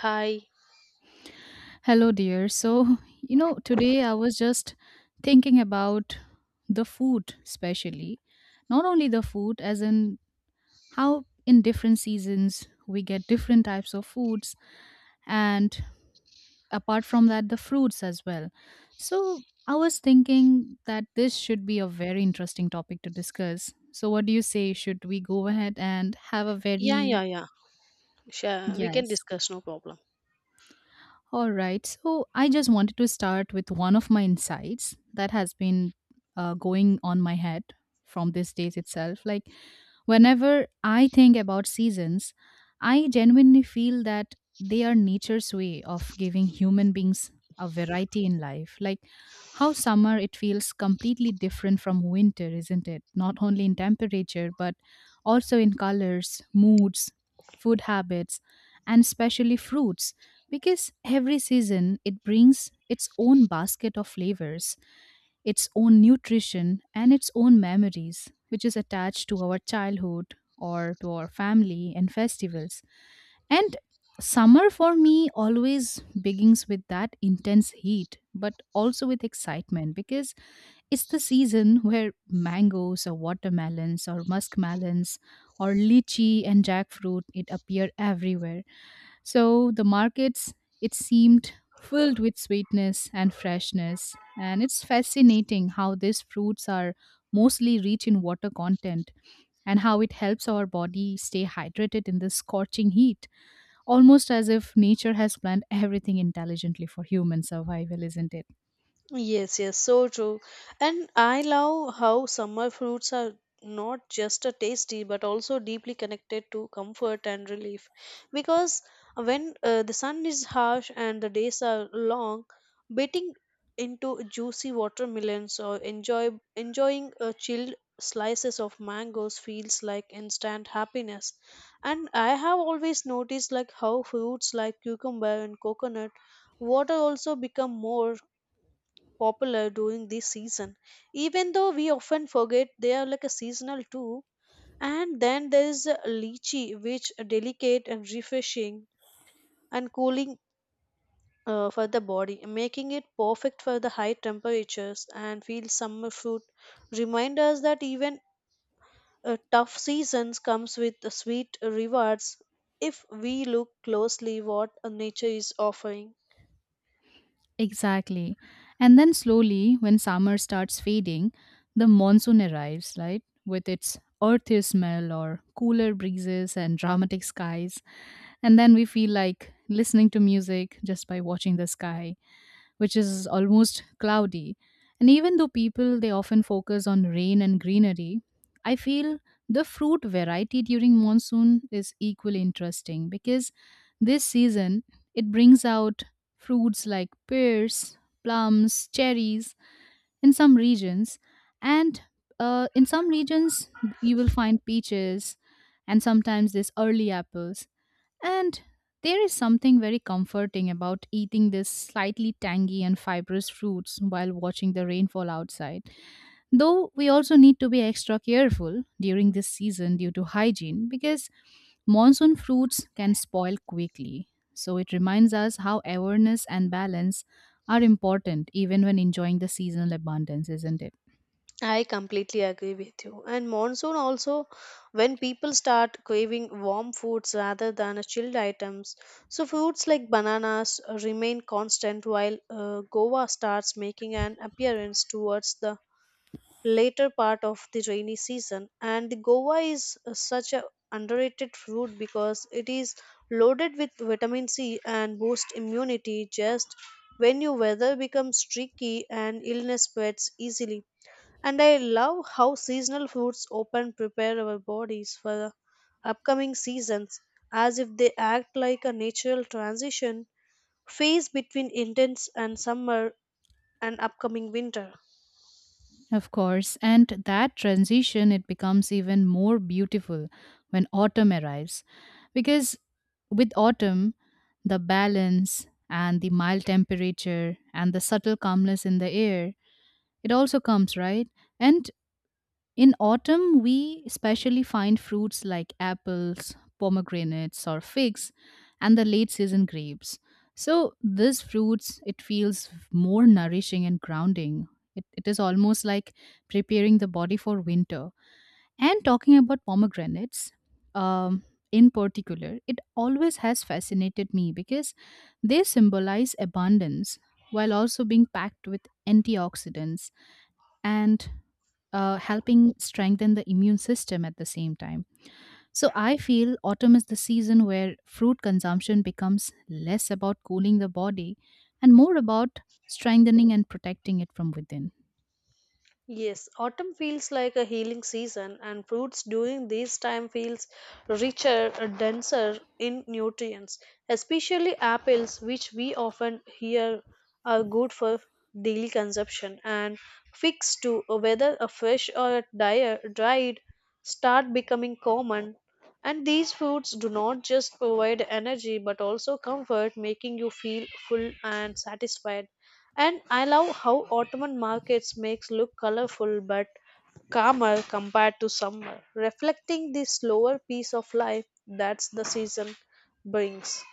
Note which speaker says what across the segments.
Speaker 1: Hi.
Speaker 2: Hello, dear. So, today I was just thinking about the food, especially. Not only the food, as in how in different seasons we get different types of foods, and apart from that, the fruits as well. So, I was thinking that this should be a very interesting topic to discuss. So, what do you say? Should we go ahead and have a
Speaker 1: Yeah,
Speaker 2: very,
Speaker 1: yeah, yeah. Sure. We can
Speaker 2: yes,
Speaker 1: discuss, no problem.
Speaker 2: all right. So I just wanted to start with one of my insights that has been going on my head from these days itself. Like, whenever I think about seasons, I genuinely feel that they are nature's way of giving human beings a variety in life. Like, how summer it feels completely different from winter, isn't it? Not only in temperature, but also in colors, moods, food habits, and especially fruits because every season it brings its own basket of flavors, its own nutrition, and its own memories, which is attached to our childhood or to our family and festivals. And summer for me always begins with that intense heat, but also with excitement because it's the season where mangoes or watermelons or muskmelons or lychee and jackfruit it appear everywhere so the markets, it seemed filled with sweetness and freshness. And it's fascinating how these fruits are mostly rich in water content and how it helps our body stay hydrated in this scorching heat, almost as if nature has planned everything intelligently for human survival, isn't it?
Speaker 1: Yes, yes, so true. And I love how summer fruits are not just a tasty but also deeply connected to comfort and relief because when the sun is harsh and the days are long biting into juicy watermelons or enjoying chilled slices of mangoes feels like instant happiness, and I have always noticed like how fruits like cucumber and coconut water also become more popular during this season, even though we often forget they are like a seasonal too. And then there is a lychee which are delicate and refreshing and cooling for the body, making it perfect for the high temperatures, and feel summer fruit remind us that even tough seasons comes with the sweet rewards if we look closely what nature is offering.
Speaker 2: Exactly. And then slowly, when summer starts fading, the monsoon arrives, right? With its earthy smell or cooler breezes and dramatic skies. And then we feel like listening to music just by watching the sky which is almost cloudy. And even though people they often focus on rain and greenery, I feel the fruit variety during monsoon is equally interesting because this season it brings out fruits like pears, plums, cherries in some regions and in some regions you will find peaches and sometimes this early apples and there is something very comforting about eating this slightly tangy and fibrous fruits while watching the rainfall outside. Though we also need to be extra careful during this season due to hygiene because monsoon fruits can spoil quickly. So it reminds us how awareness and balance are important even when enjoying the seasonal abundance, isn't it?
Speaker 1: I completely agree with you. And monsoon also, when people start craving warm foods rather than chilled items, so foods like bananas remain constant while Goa starts making an appearance towards the later part of the rainy season. And the Goa is such a underrated fruit because it is loaded with vitamin C and boosts immunity just when your weather becomes tricky and illness spreads easily. And I love how seasonal foods open, prepare our bodies for the upcoming seasons, as if they act like a natural transition phase between intense and summer and upcoming winter.
Speaker 2: Of course, and that transition it becomes even more beautiful when autumn arrives because with autumn the balance and the mild temperature and the subtle calmness in the air it also comes right and in autumn, we especially find fruits like apples, pomegranates, or figs, and the late season grapes. So, these fruits, it feels more nourishing and grounding. It is almost like preparing the body for winter. And talking about pomegranates, um, in particular, it always has fascinated me because they symbolize abundance while also being packed with antioxidants and helping strengthen the immune system at the same time. So I feel autumn is the season where fruit consumption becomes less about cooling the body and more about strengthening and protecting it from within.
Speaker 1: Yes, autumn feels like a healing season, and fruits during this time feels richer, denser in nutrients, especially apples, which we often hear are good for daily consumption, and figs too, whether a fresh or a dried, start becoming common. And these foods do not just provide energy but also comfort, making you feel full and satisfied. And I love how Ottoman markets makes look colorful but calmer compared to summer, reflecting the slower pace of life that the season brings.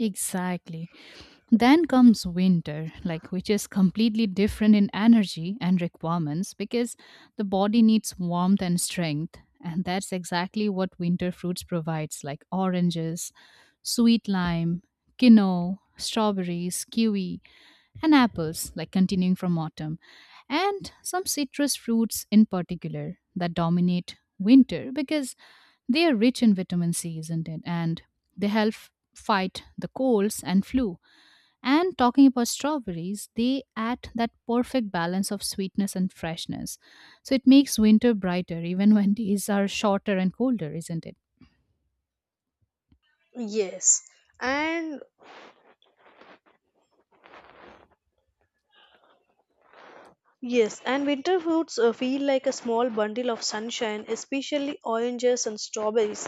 Speaker 2: Exactly. Then comes winter, like which is completely different in energy and requirements because the body needs warmth and strength, and that's exactly what winter fruits provides, like oranges, sweet lime, quinoa, strawberries, kiwi, and apples, like continuing from autumn, and some citrus fruits in particular that dominate winter because they are rich in vitamin C, isn't it? And they help fight the colds and flu and talking about strawberries, they add that perfect balance of sweetness and freshness. So it makes winter brighter even when days are shorter and colder, isn't it?
Speaker 1: Yes, and Yes, and winter fruits feel like a small bundle of sunshine, especially oranges and strawberries.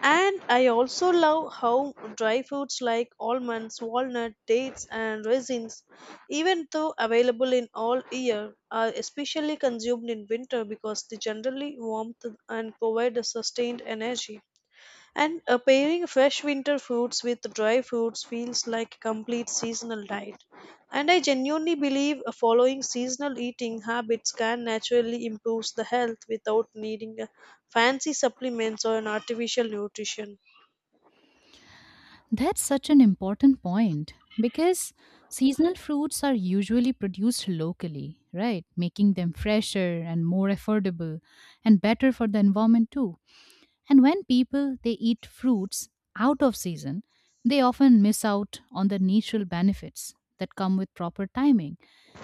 Speaker 1: And I also love how dry fruits like almonds, walnut, dates, and raisins, even though available in all year, are especially consumed in winter because they generally warmth and provide a sustained energy. And pairing fresh winter fruits with dry fruits feels like a complete seasonal diet. And I genuinely believe following seasonal eating habits can naturally improve the health without needing fancy supplements or an artificial nutrition.
Speaker 2: That's such an important point because seasonal fruits are usually produced locally, right? Making them fresher and more affordable and better for the environment too. And when people they eat fruits out of season, they often miss out on the natural benefits that come with proper timing.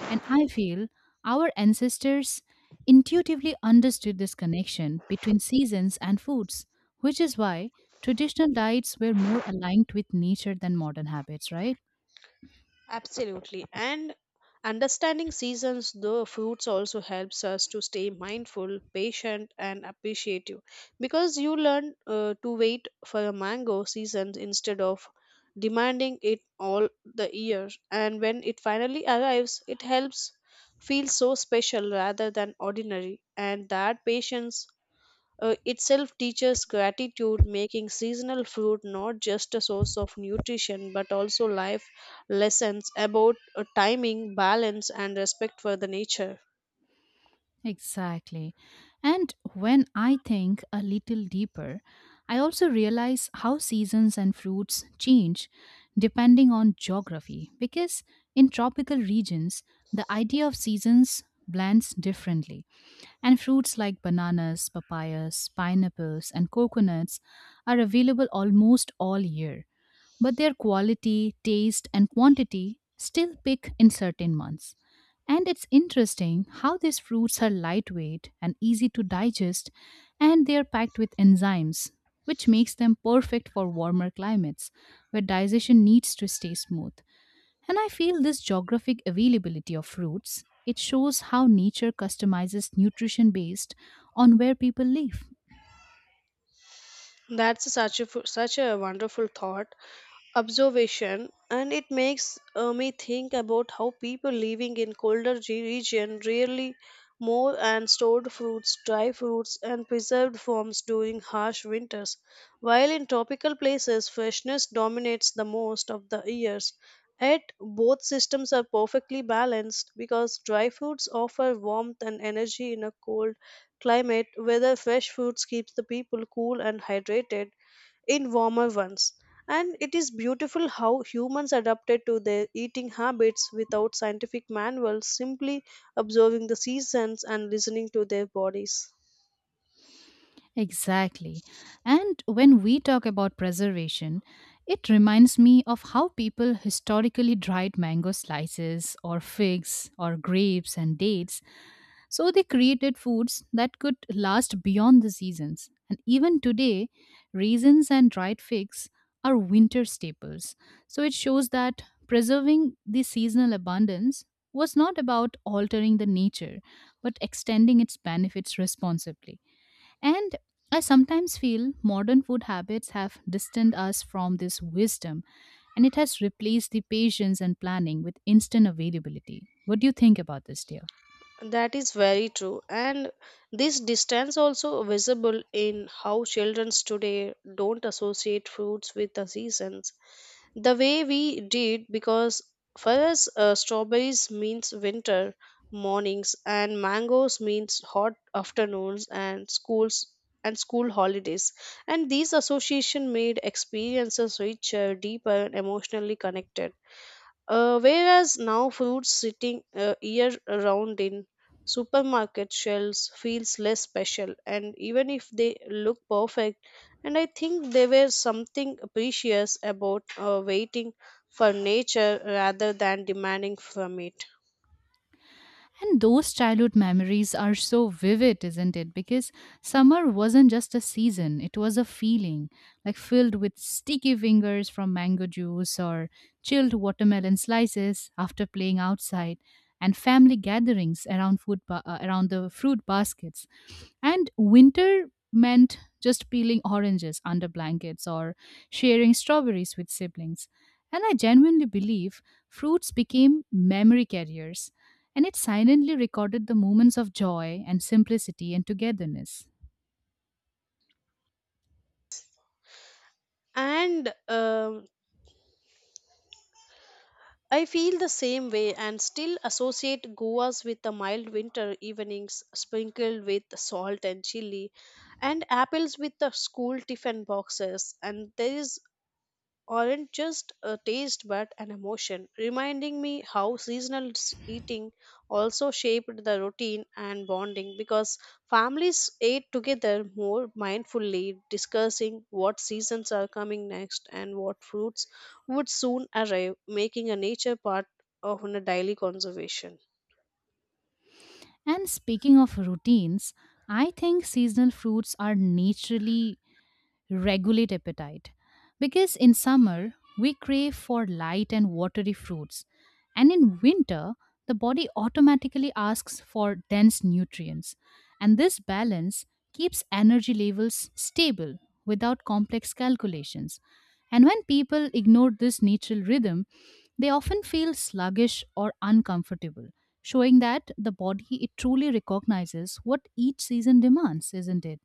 Speaker 2: And I feel our ancestors intuitively understood this connection between seasons and foods, which is why traditional diets were more aligned with nature than modern habits, right?
Speaker 1: Absolutely. And understanding seasons, the fruits also helps us to stay mindful, patient, and appreciative, because you learn to wait for a mango season instead of demanding it all the year. And when it finally arrives, it helps feel so special rather than ordinary. And that patience itself teaches gratitude, making seasonal fruit not just a source of nutrition but also life lessons about timing, balance, and respect for the nature.
Speaker 2: Exactly. And when I think a little deeper, I also realize how seasons and fruits change depending on geography. Because in tropical regions, the idea of seasons blends differently. And fruits like bananas, papayas, pineapples, and coconuts are available almost all year but their quality, taste, and quantity still pick in certain months. And it's interesting how these fruits are lightweight and easy to digest, and they are packed with enzymes, which makes them perfect for warmer climates where digestion needs to stay smooth. And I feel this geographic availability of fruits, it shows how nature customizes nutrition based on where people live.
Speaker 1: That's such a fu- such a wonderful thought, observation, and it makes me think about how people living in colder region really more and stored fruits, dry fruits, and preserved forms during harsh winters, while in tropical places freshness dominates the most of the years. Yet both systems are perfectly balanced because dry fruits offer warmth and energy in a cold climate, whether fresh foods keeps the people cool and hydrated in warmer ones. And it is beautiful how humans adapted to their eating habits without scientific manuals, simply observing the seasons and listening to their bodies.
Speaker 2: Exactly. And when we talk about preservation, it reminds me of how people historically dried mango slices or figs or grapes and dates. So they created foods that could last beyond the seasons. And even today, raisins and dried figs are winter staples. So it shows that preserving the seasonal abundance was not about altering the nature, but extending its benefits responsibly. And I sometimes feel modern food habits have distanced us from this wisdom and it has replaced the patience and planning with instant availability. What do you think about this, dear?
Speaker 1: That is very true. And this distance also visible in how children today don't associate fruits with the seasons the way we did, because for us strawberries means winter mornings and mangoes means hot afternoons and school holidays, and these association made experiences richer, deeper, and emotionally connected, whereas now fruits sitting year round in supermarket shelves feels less special, and even if they look perfect. And I think there were something precious about waiting for nature rather than demanding from it.
Speaker 2: And those childhood memories are so vivid, isn't it? Because summer wasn't just a season, it was a feeling, like filled with sticky fingers from mango juice or chilled watermelon slices after playing outside and family gatherings around around the fruit baskets. And winter meant just peeling oranges under blankets or sharing strawberries with siblings. And I genuinely believe fruits became memory carriers and it silently recorded the moments of joy and simplicity and togetherness.
Speaker 1: And I feel the same way, and still associate goas with the mild winter evenings sprinkled with salt and chili, and apples with the school tiffin boxes. And there is aren't just a taste but an emotion, reminding me how seasonal eating also shaped the routine and bonding, because families ate together more mindfully, discussing what seasons are coming next and what fruits would soon arrive, making a nature part of a daily conservation.
Speaker 2: And speaking of routines, I think seasonal fruits are naturally regulate appetite. Because in summer, we crave for light and watery fruits, and in winter, the body automatically asks for dense nutrients. And this balance keeps energy levels stable without complex calculations. And when people ignore this natural rhythm, they often feel sluggish or uncomfortable, showing that the body it truly recognizes what each season demands, isn't it?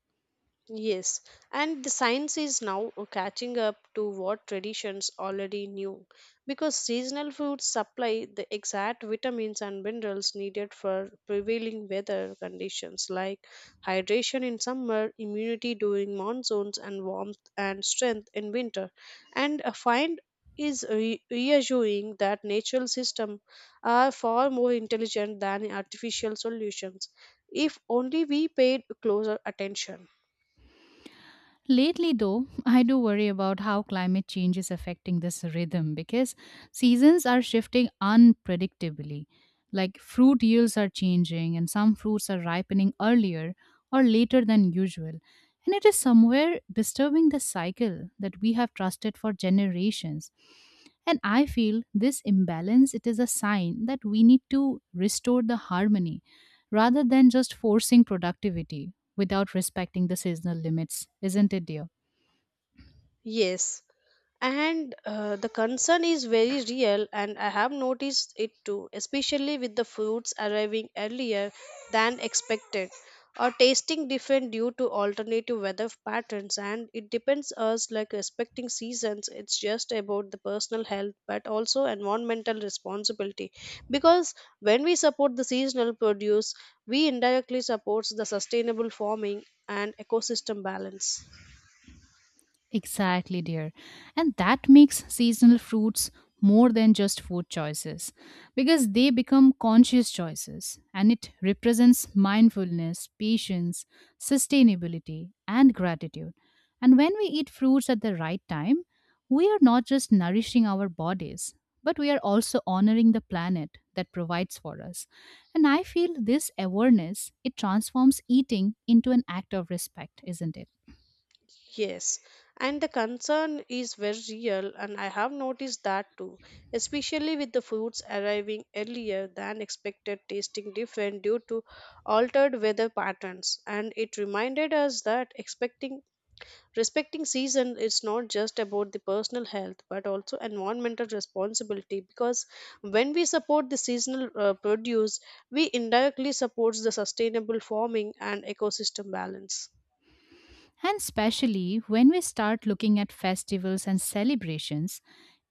Speaker 1: Yes, and the science is now catching up to what traditions already knew, because seasonal foods supply the exact vitamins and minerals needed for prevailing weather conditions, like hydration in summer, immunity during monsoons, and warmth and strength in winter. And a find is reassuring that natural systems are far more intelligent than artificial solutions if only we paid closer attention.
Speaker 2: Lately, though, I do worry about how climate change is affecting this rhythm because seasons are shifting unpredictably. Like fruit yields are changing, and some fruits are ripening earlier or later than usual. And it is somewhere disturbing the cycle that we have trusted for generations. And I feel this imbalance it is a sign that we need to restore the harmony rather than just forcing productivity without respecting the seasonal limits, isn't it, dear?
Speaker 1: Yes, and the concern is very real, and I have noticed it too, especially with the fruits arriving earlier than expected or tasting different due to alternative weather patterns. And it depends us like respecting seasons, it's just about the personal health but also environmental responsibility, because when we support the seasonal produce, we indirectly supports the sustainable farming and ecosystem balance.
Speaker 2: Exactly, dear. And that makes seasonal fruits more than just food choices because they become conscious choices and it represents mindfulness, patience, sustainability, and gratitude. And when we eat fruits at the right time, we are not just nourishing our bodies, but we are also honoring the planet that provides for us. And I feel this awareness, it transforms eating into an act of respect, isn't it?
Speaker 1: Yes, and the concern is very real, and I have noticed that too, especially with the foods arriving earlier than expected, tasting different due to altered weather patterns. And it reminded us that expecting respecting season is not just about the personal health but also environmental responsibility, because when we support the seasonal produce, we indirectly supports the sustainable farming and ecosystem balance.
Speaker 2: And especially when we start looking at festivals and celebrations,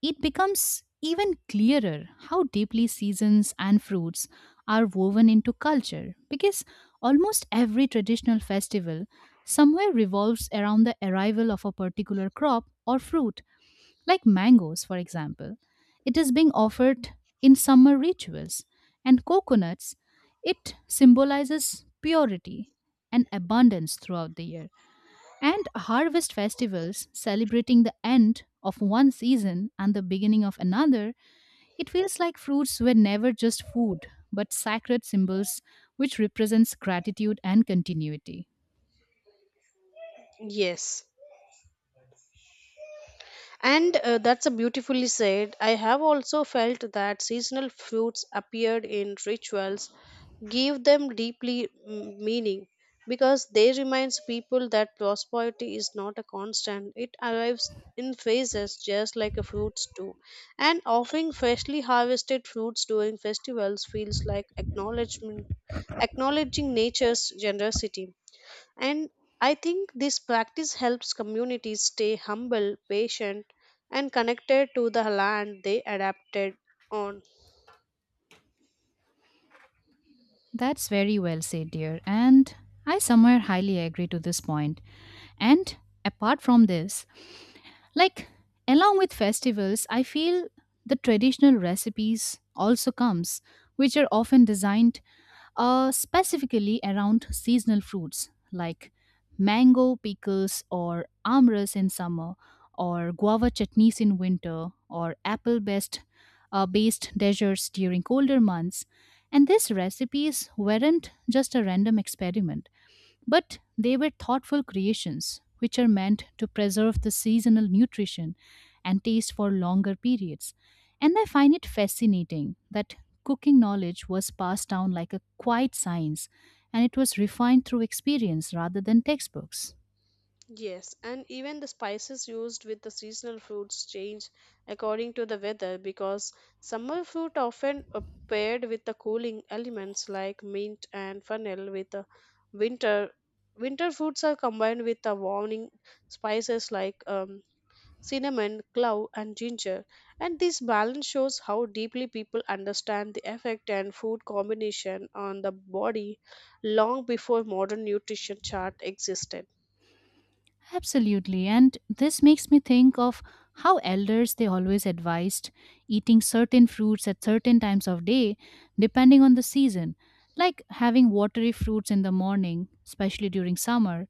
Speaker 2: it becomes even clearer how deeply seasons and fruits are woven into culture because almost every traditional festival somewhere revolves around the arrival of a particular crop or fruit, like mangoes, for example. It is being offered in summer rituals, and coconuts, it symbolizes purity and abundance throughout the year and harvest festivals celebrating the end of one season and the beginning of another, it feels like fruits were never just food, but sacred symbols which represents gratitude and continuity.
Speaker 1: Yes. And that's a beautifully said. I have also felt that seasonal fruits appeared in rituals give them deeply meaning, because they reminds people that prosperity is not a constant, it arrives in phases just like a fruits do. And offering freshly harvested fruits during festivals feels like acknowledgement acknowledging nature's generosity. And I think this practice helps communities stay humble, patient, and connected to the land they adapted on.
Speaker 2: That's very well said, dear, and I somewhere highly agree to this point. And apart from this, like along with festivals, I feel the traditional recipes also comes which are often designed specifically around seasonal fruits like mango pickles or amras in summer, or guava chutneys in winter, or apple based based desserts during colder months. And these recipes weren't just a random experiment. But they were thoughtful creations, which are meant to preserve the seasonal nutrition and taste for longer periods. And I find it fascinating that cooking knowledge was passed down like a quiet science and it was refined through experience rather than textbooks.
Speaker 1: Yes, and even the spices used with the seasonal fruits change according to the weather, because summer fruit often are paired with the cooling elements like mint and fennel, with the winter winter fruits are combined with the warming spices like cinnamon, clove, and ginger. And this balance shows how deeply people understand the effect and food combination on the body long before modern nutrition chart existed.
Speaker 2: Absolutely. And this makes me think of how elders they always advised eating certain fruits at certain times of day depending on the season, like having watery fruits in the morning, especially during summer,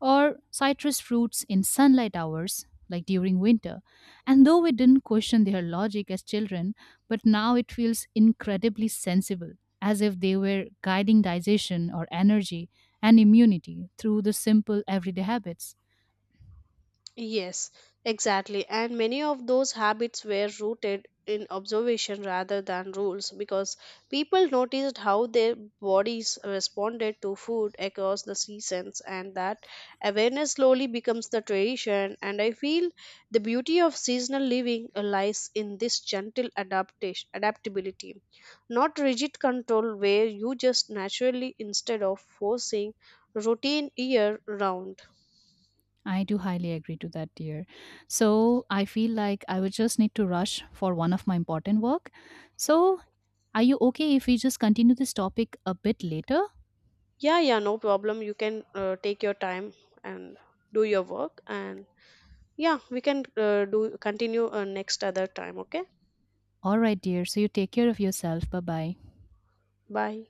Speaker 2: or citrus fruits in sunlight hours, like during winter. And though we didn't question their logic as children, but now it feels incredibly sensible, as if they were guiding digestion or energy and immunity through the simple everyday habits.
Speaker 1: Yes, exactly. And many of those habits were rooted in observation rather than rules, because people noticed how their bodies responded to food across the seasons, and that awareness slowly becomes the tradition. And I feel the beauty of seasonal living lies in this gentle adaptability, not rigid control, where you just naturally instead of forcing routine year round.
Speaker 2: I do highly agree to that, dear. So I feel like I would just need to rush for one of my important work. So are you okay if we just continue this topic a bit later?
Speaker 1: Yeah, yeah, no problem. You can take your time and do your work. And yeah, we can do continue next other time. Okay.
Speaker 2: All right, dear. So you take care of yourself. Bye bye.
Speaker 1: Bye.